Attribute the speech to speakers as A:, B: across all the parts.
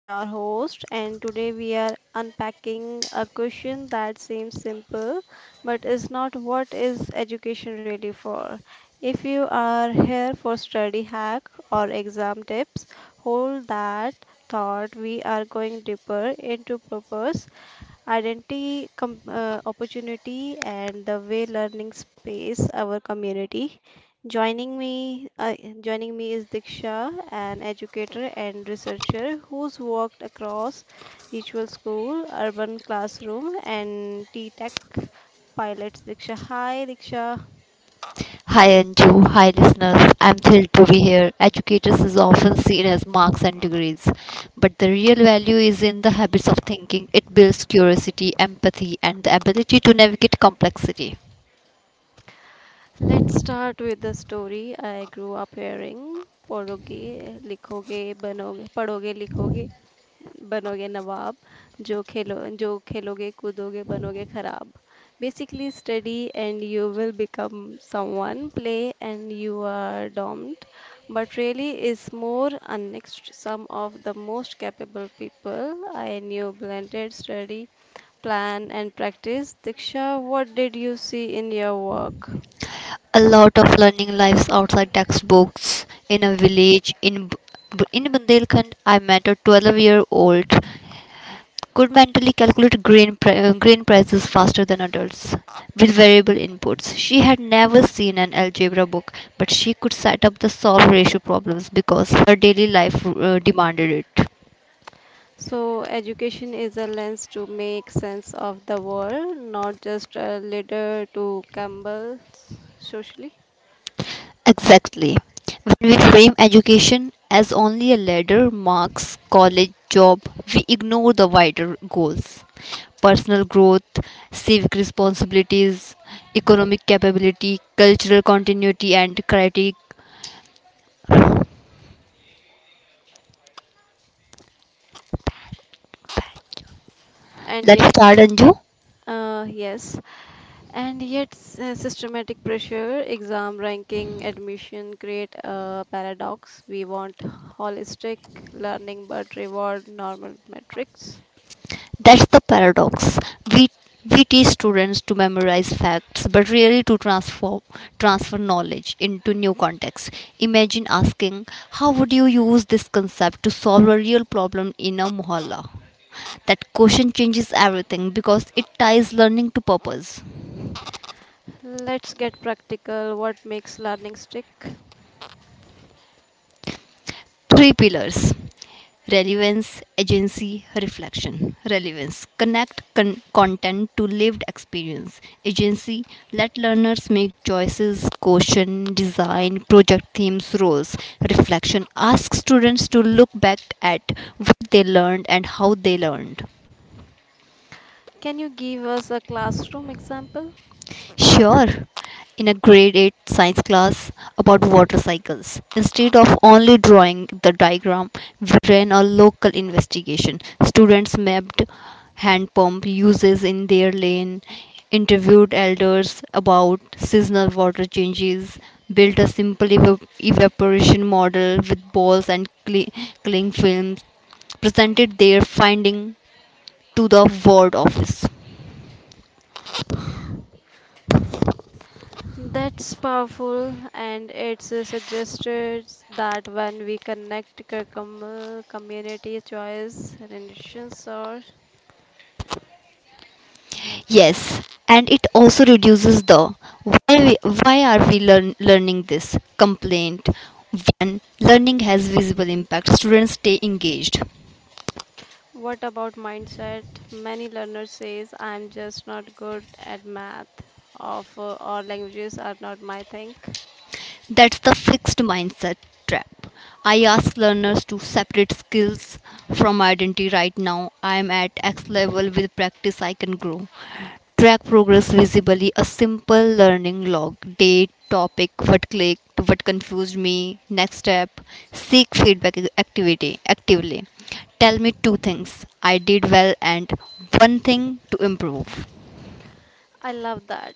A: your host, and today we are unpacking a question that seems simple but is not. What is education really for? If you are here for study hack or exam tips, hold that thought. We are going deeper into purpose identity, opportunity, and the way learning space our community. Joining me, uh, joining me is Diksha, an educator and researcher who's worked across ritual school, urban classroom, and T-Tech pilots. Diksha, hi, Diksha.
B: Hi Anju, hi listeners. I'm thrilled to be here. Educators is often seen as marks and degrees, but the real value is in the habits of thinking. It builds curiosity, empathy, and the ability to navigate complexity.
A: Let's start with the story I grew up hearing. पढ़ोगे लिखोगे बनोगे नवाब जो खेलो जो खेलोगे कूदोगे बनोगे खराब. Basically, study and you will become someone, play and you are domed, but really is more unmixed. Some of the most capable people I knew blended study, plan and practice. Diksha, what did you see in your work?
B: A lot of learning lives outside textbooks in a village in Bundelkhand. I met a 12-year-old could mentally calculate grain prices faster than adults with variable inputs. She had never seen an algebra book, but she could set up the solve ratio problems because her daily life demanded it.
A: So, education is a lens to make sense of the world, not just a ladder to Campbell socially.
B: Exactly. When we frame education as only a ladder, marks, college, job, we ignore the wider goals, personal growth, civic responsibilities, economic capability, cultural continuity, and critique.
A: And
B: Let's
A: yet,
B: start, Anju.
A: yes, and yet, systematic pressure, exam ranking, admission create a paradox. We want holistic learning but reward normal metrics.
B: That's the paradox. We we teach students to memorize facts, but really to transform transfer knowledge into new context. Imagine asking, how would you use this concept to solve a real problem in a mohalla? That question changes everything because it ties learning to purpose.
A: Let's get practical. What makes learning stick?
B: Three pillars, relevance, agency, reflection. Relevance, connect content to lived experience. Agency, let learners make choices, question design, project themes, roles. Reflection, ask students to look back at what they learned and how they learned.
A: Can you give us a classroom example?
B: Sure, in a grade 8 science class about water cycles, instead of only drawing the diagram, we ran a local investigation. Students mapped hand pump uses in their lane, interviewed elders about seasonal water changes, built a simple evaporation model with balls and cling films, presented their finding to the ward office.
A: That's powerful, and it suggested that when we connect community choice, relations, or
B: Yes, and it also reduces the why are we learning this complaint when learning has visible impact. Students stay engaged.
A: what about mindset, many learners says I'm just not good at math, of or languages are not my thing.
B: That's the fixed mindset trap. I ask learners to separate skills from identity. Right now I am at X level; with practice I can grow. Track progress visibly, a simple learning log, date, topic, what clicked, what confused me, next step. Seek feedback activity actively. Tell me two things I did well and one thing to improve.
A: I love that.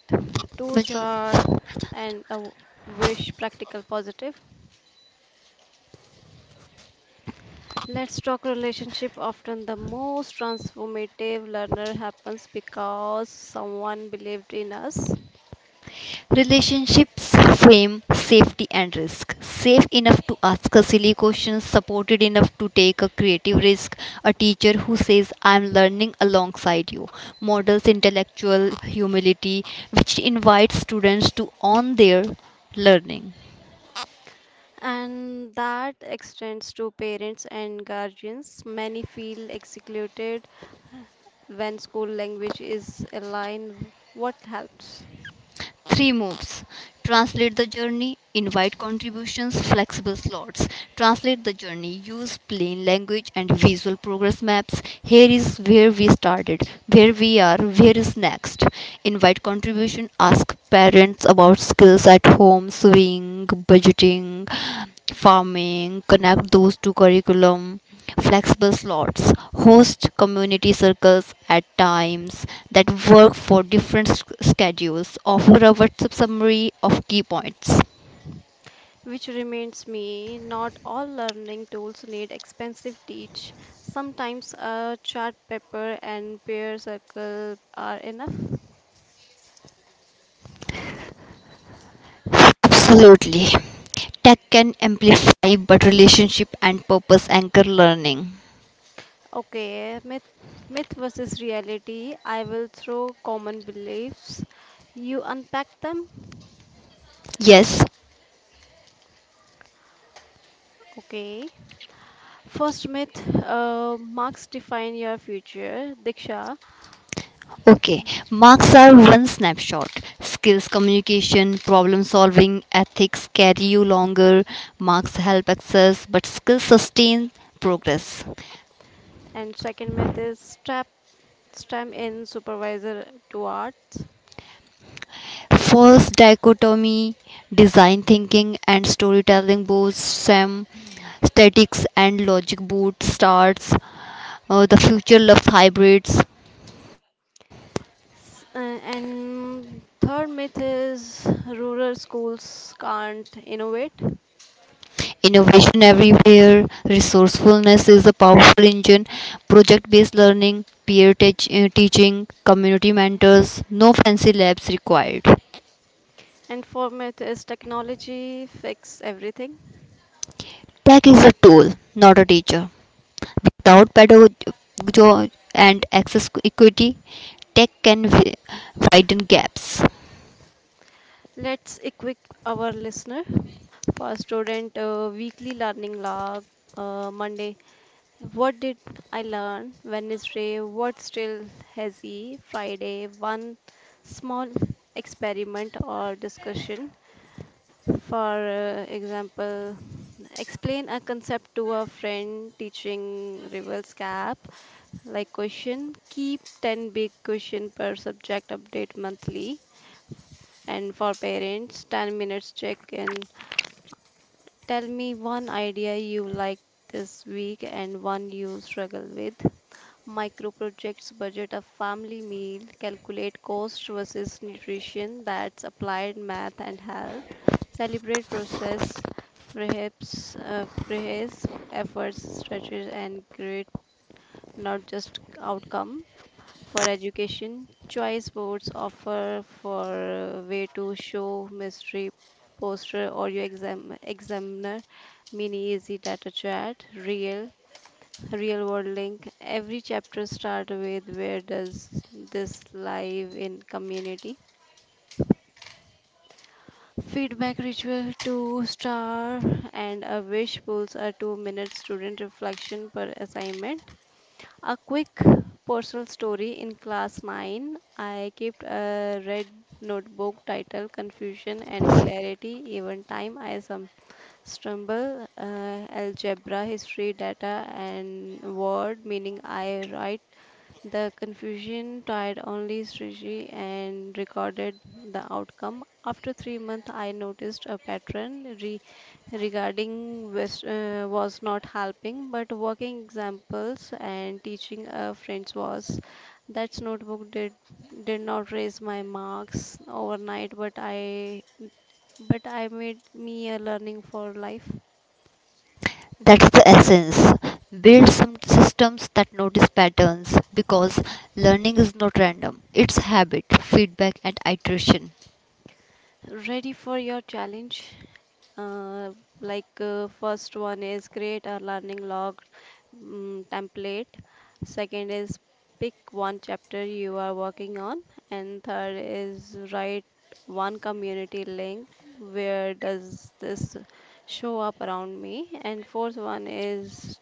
A: Two star and a wish, practical positive. Let's talk relationship. Often the most transformative learner happens because someone believed in us.
B: Relationships, fame, safety, and risk. Safe enough to ask a silly question, supported enough to take a creative risk. A teacher who says, I'm learning alongside you, models intellectual humility, which invites students to own their learning.
A: And that extends to parents and guardians. Many feel excluded when school language is aligned. What helps?
B: Three moves. Translate the journey, invite contributions, flexible slots. Translate the journey, use plain language and visual progress maps. Here is where we started, where we are, where is next. Invite contribution, ask parents about skills at home, sewing, budgeting, farming, connect those to curriculum. Flexible slots, host community circles at times that work for different schedules. Offer a whatsapp summary of key points.
A: Which reminds me, not all learning tools need expensive teach. Sometimes a chart paper and peer circle are enough.
B: Absolutely, tech can amplify, but relationship and purpose anchor learning.
A: Okay, myth versus reality. I will throw common beliefs. You unpack them.
B: Yes.
A: Okay. First myth, marks define your future, Diksha.
B: Okay, marks are one snapshot. Skills, communication, problem solving, ethics carry you longer. Marks help access, but skills sustain progress.
A: And second myth is trap, STEM in supervisor to arts.
B: False dichotomy, design thinking and storytelling both Sam statics and logic boot starts. The future loves hybrids.
A: S- uh, and third myth is rural schools can't innovate.
B: Innovation everywhere. Resourcefulness is a powerful engine. Project based learning, teaching, community mentors. No fancy labs required.
A: And fourth myth is technology fix everything.
B: Tech is a tool, not a teacher. Without pedagogy and access equity, tech can widen gaps.
A: Let's equip our listener for student weekly learning log, Monday. What did I learn? Wednesday, what still hazy? Friday, one small experiment or discussion. For example, explain a concept to a friend, teaching reverse cap like question. Keep 10 big question per subject, update monthly. And for parents, 10 minutes check in. Tell me one idea you like this week and one you struggle with. Micro projects, budget a family meal, calculate cost versus nutrition, that's applied math and health. Celebrate process, perhaps, praise efforts, stretches, and great, not just outcome for education. Choice boards offer for a way to show mystery poster or your exam examiner, mini easy data chart, real world link. Every chapter start with, where does this live in community? Feedback ritual, two star and a wish, pulls a 2 minute student reflection per assignment. A quick personal story: in class 9, I kept a red notebook titled Confusion and Clarity. Even time I some stumble, algebra, history, data, and word meaning, I write the confusion tied only Sriji and recorded the outcome. After 3 months, I noticed a pattern. Regarding was not helping, but working examples and teaching friends was. That notebook did not raise my marks overnight, but I made me a learning for life.
B: That's the essence. Build some systems that notice patterns because learning is not random, it's habit, feedback, and iteration.
A: Ready for your challenge? Uh, like, first one is create a learning log template. Second is, pick one chapter you are working on, and third is write one community link. Where does this show up around me? And fourth one is,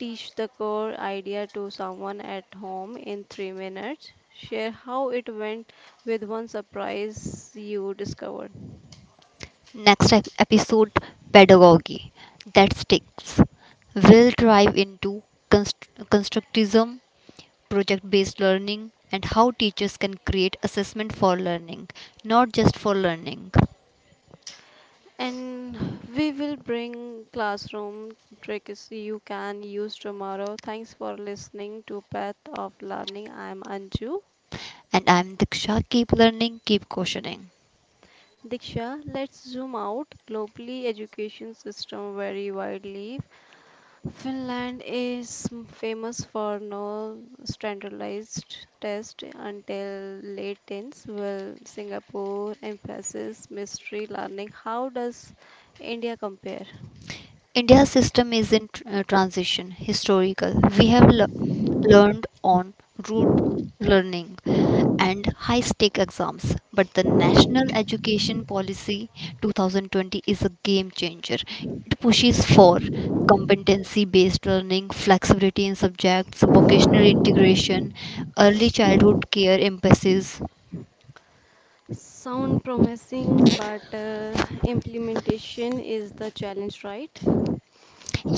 A: teach the core idea to someone at home in 3 minutes. Share how it went with one surprise you discovered.
B: Next episode, pedagogy that sticks, we will drive into constructism, project based learning, and how teachers can create assessment for learning, not just for learning.
A: And we will bring classroom tricks you can use tomorrow. Thanks for listening to Path of Learning. I am Anju.
B: And I'm Diksha. Keep learning, keep questioning.
A: Diksha, let's zoom out. Globally, education system vary widely. Finland is famous for no standardized test until late teens, while Singapore emphasizes mystery learning. How does India compare?
B: India's system is in transition. Historical, we have learned on rote learning and high stake exams, but the National Education Policy 2020 is a game changer. It pushes for competency based learning, flexibility in subjects, vocational integration, early childhood care emphasis.
A: Sound promising, but implementation is the challenge, right?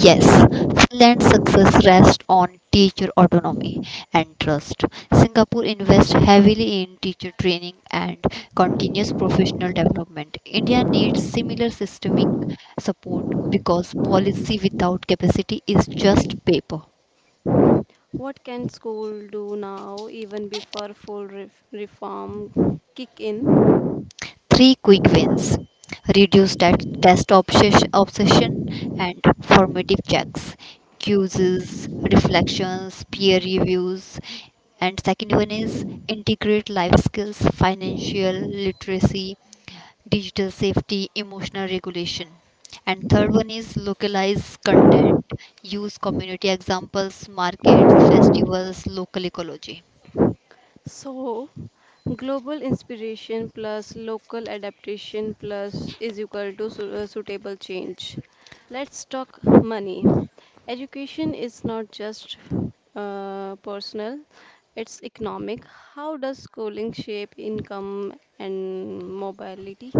B: Yes, Finland's success rests on teacher autonomy and trust. Singapore invests heavily in teacher training and continuous professional development. India needs similar systemic support because policy without capacity is just paper.
A: What can school do now, even before full reform kick in?
B: Three quick wins, reduce test obsession and formative checks, quizzes, reflections, peer reviews. And second one is integrate life skills, financial literacy, digital safety, emotional regulation. And third one is localize content, use community examples, markets, festivals, local ecology.
A: So, global inspiration plus local adaptation plus is equal to suitable change. Let's talk money. Education is not just personal, it's economic. How does schooling shape income and mobility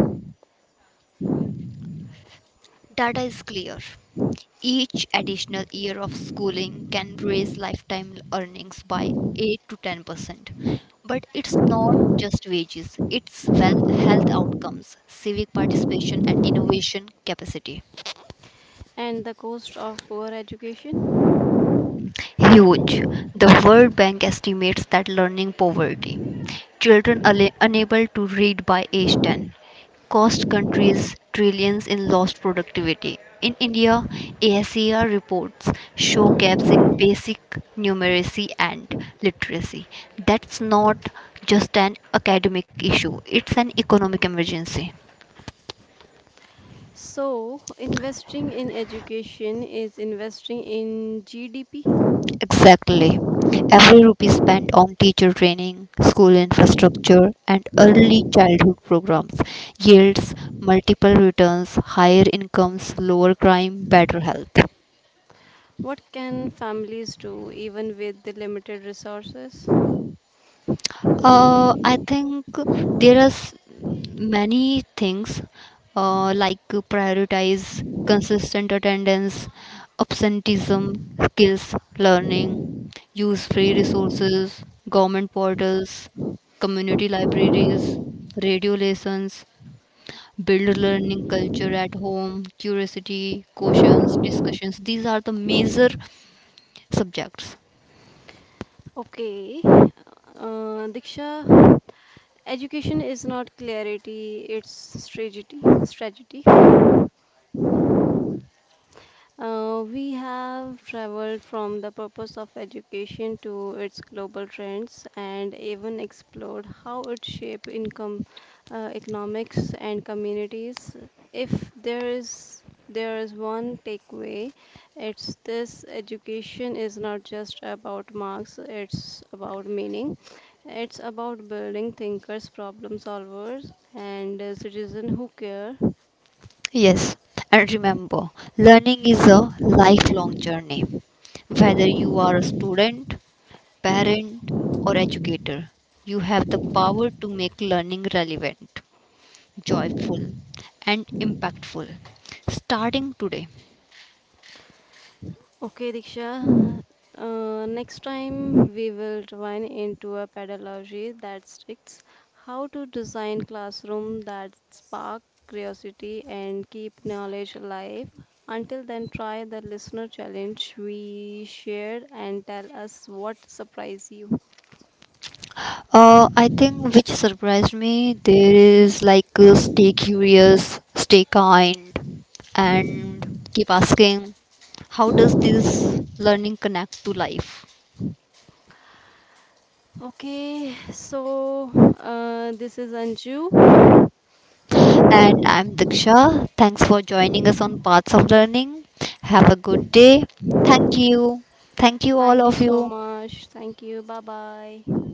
B: Data is clear. Each additional year of schooling can raise lifetime earnings by 8 to 10%. But it's not just wages, it's well, health outcomes, civic participation, and innovation capacity.
A: and the cost of poor education?
B: Huge. The World Bank estimates that learning poverty, children unable to read by age 10, cost countries trillions in lost productivity. In India, ASER reports show gaps in basic numeracy and literacy. That's not just an academic issue, it's an economic emergency.
A: So, investing in education is investing in GDP.
B: Exactly. Every rupee spent on teacher training, school infrastructure, and early childhood programs yields multiple returns, higher incomes, lower crime, better health.
A: What can families do even with the limited resources?
B: I think there many things, like prioritize consistent attendance, absenteeism, skills learning, use free resources, government portals, community libraries, radio lessons, build learning culture at home, curiosity, questions, discussions. These are the major subjects.
A: Okay, Diksha, education is not clarity, it's strategy. We have traveled from the purpose of education to its global trends and even explored how it shapes income, economics, and communities. If there is one takeaway, it's this: education is not just about marks, it's about meaning. It's about building thinkers, problem solvers, and citizens who care.
B: Yes, and remember, learning is a lifelong journey. Whether you are a student, parent, or educator, you have the power to make learning relevant, joyful, and impactful. Starting today.
A: Okay, Diksha. Next time we will divine into a pedagogy that sticks, how to design classroom that spark curiosity and keep knowledge alive. Until then, try the listener challenge we shared and tell us what surprised you.
B: I think which surprised me there is stay curious, stay kind, and keep asking, how does this learning connect to life?
A: Okay, so this is Anju.
B: And I'm Diksha. Thanks for joining us on Paths of Learning. Have a good day. Thank you. Thank you, all
A: Thank you
B: of
A: so
B: you.
A: much. Thank you. Bye bye.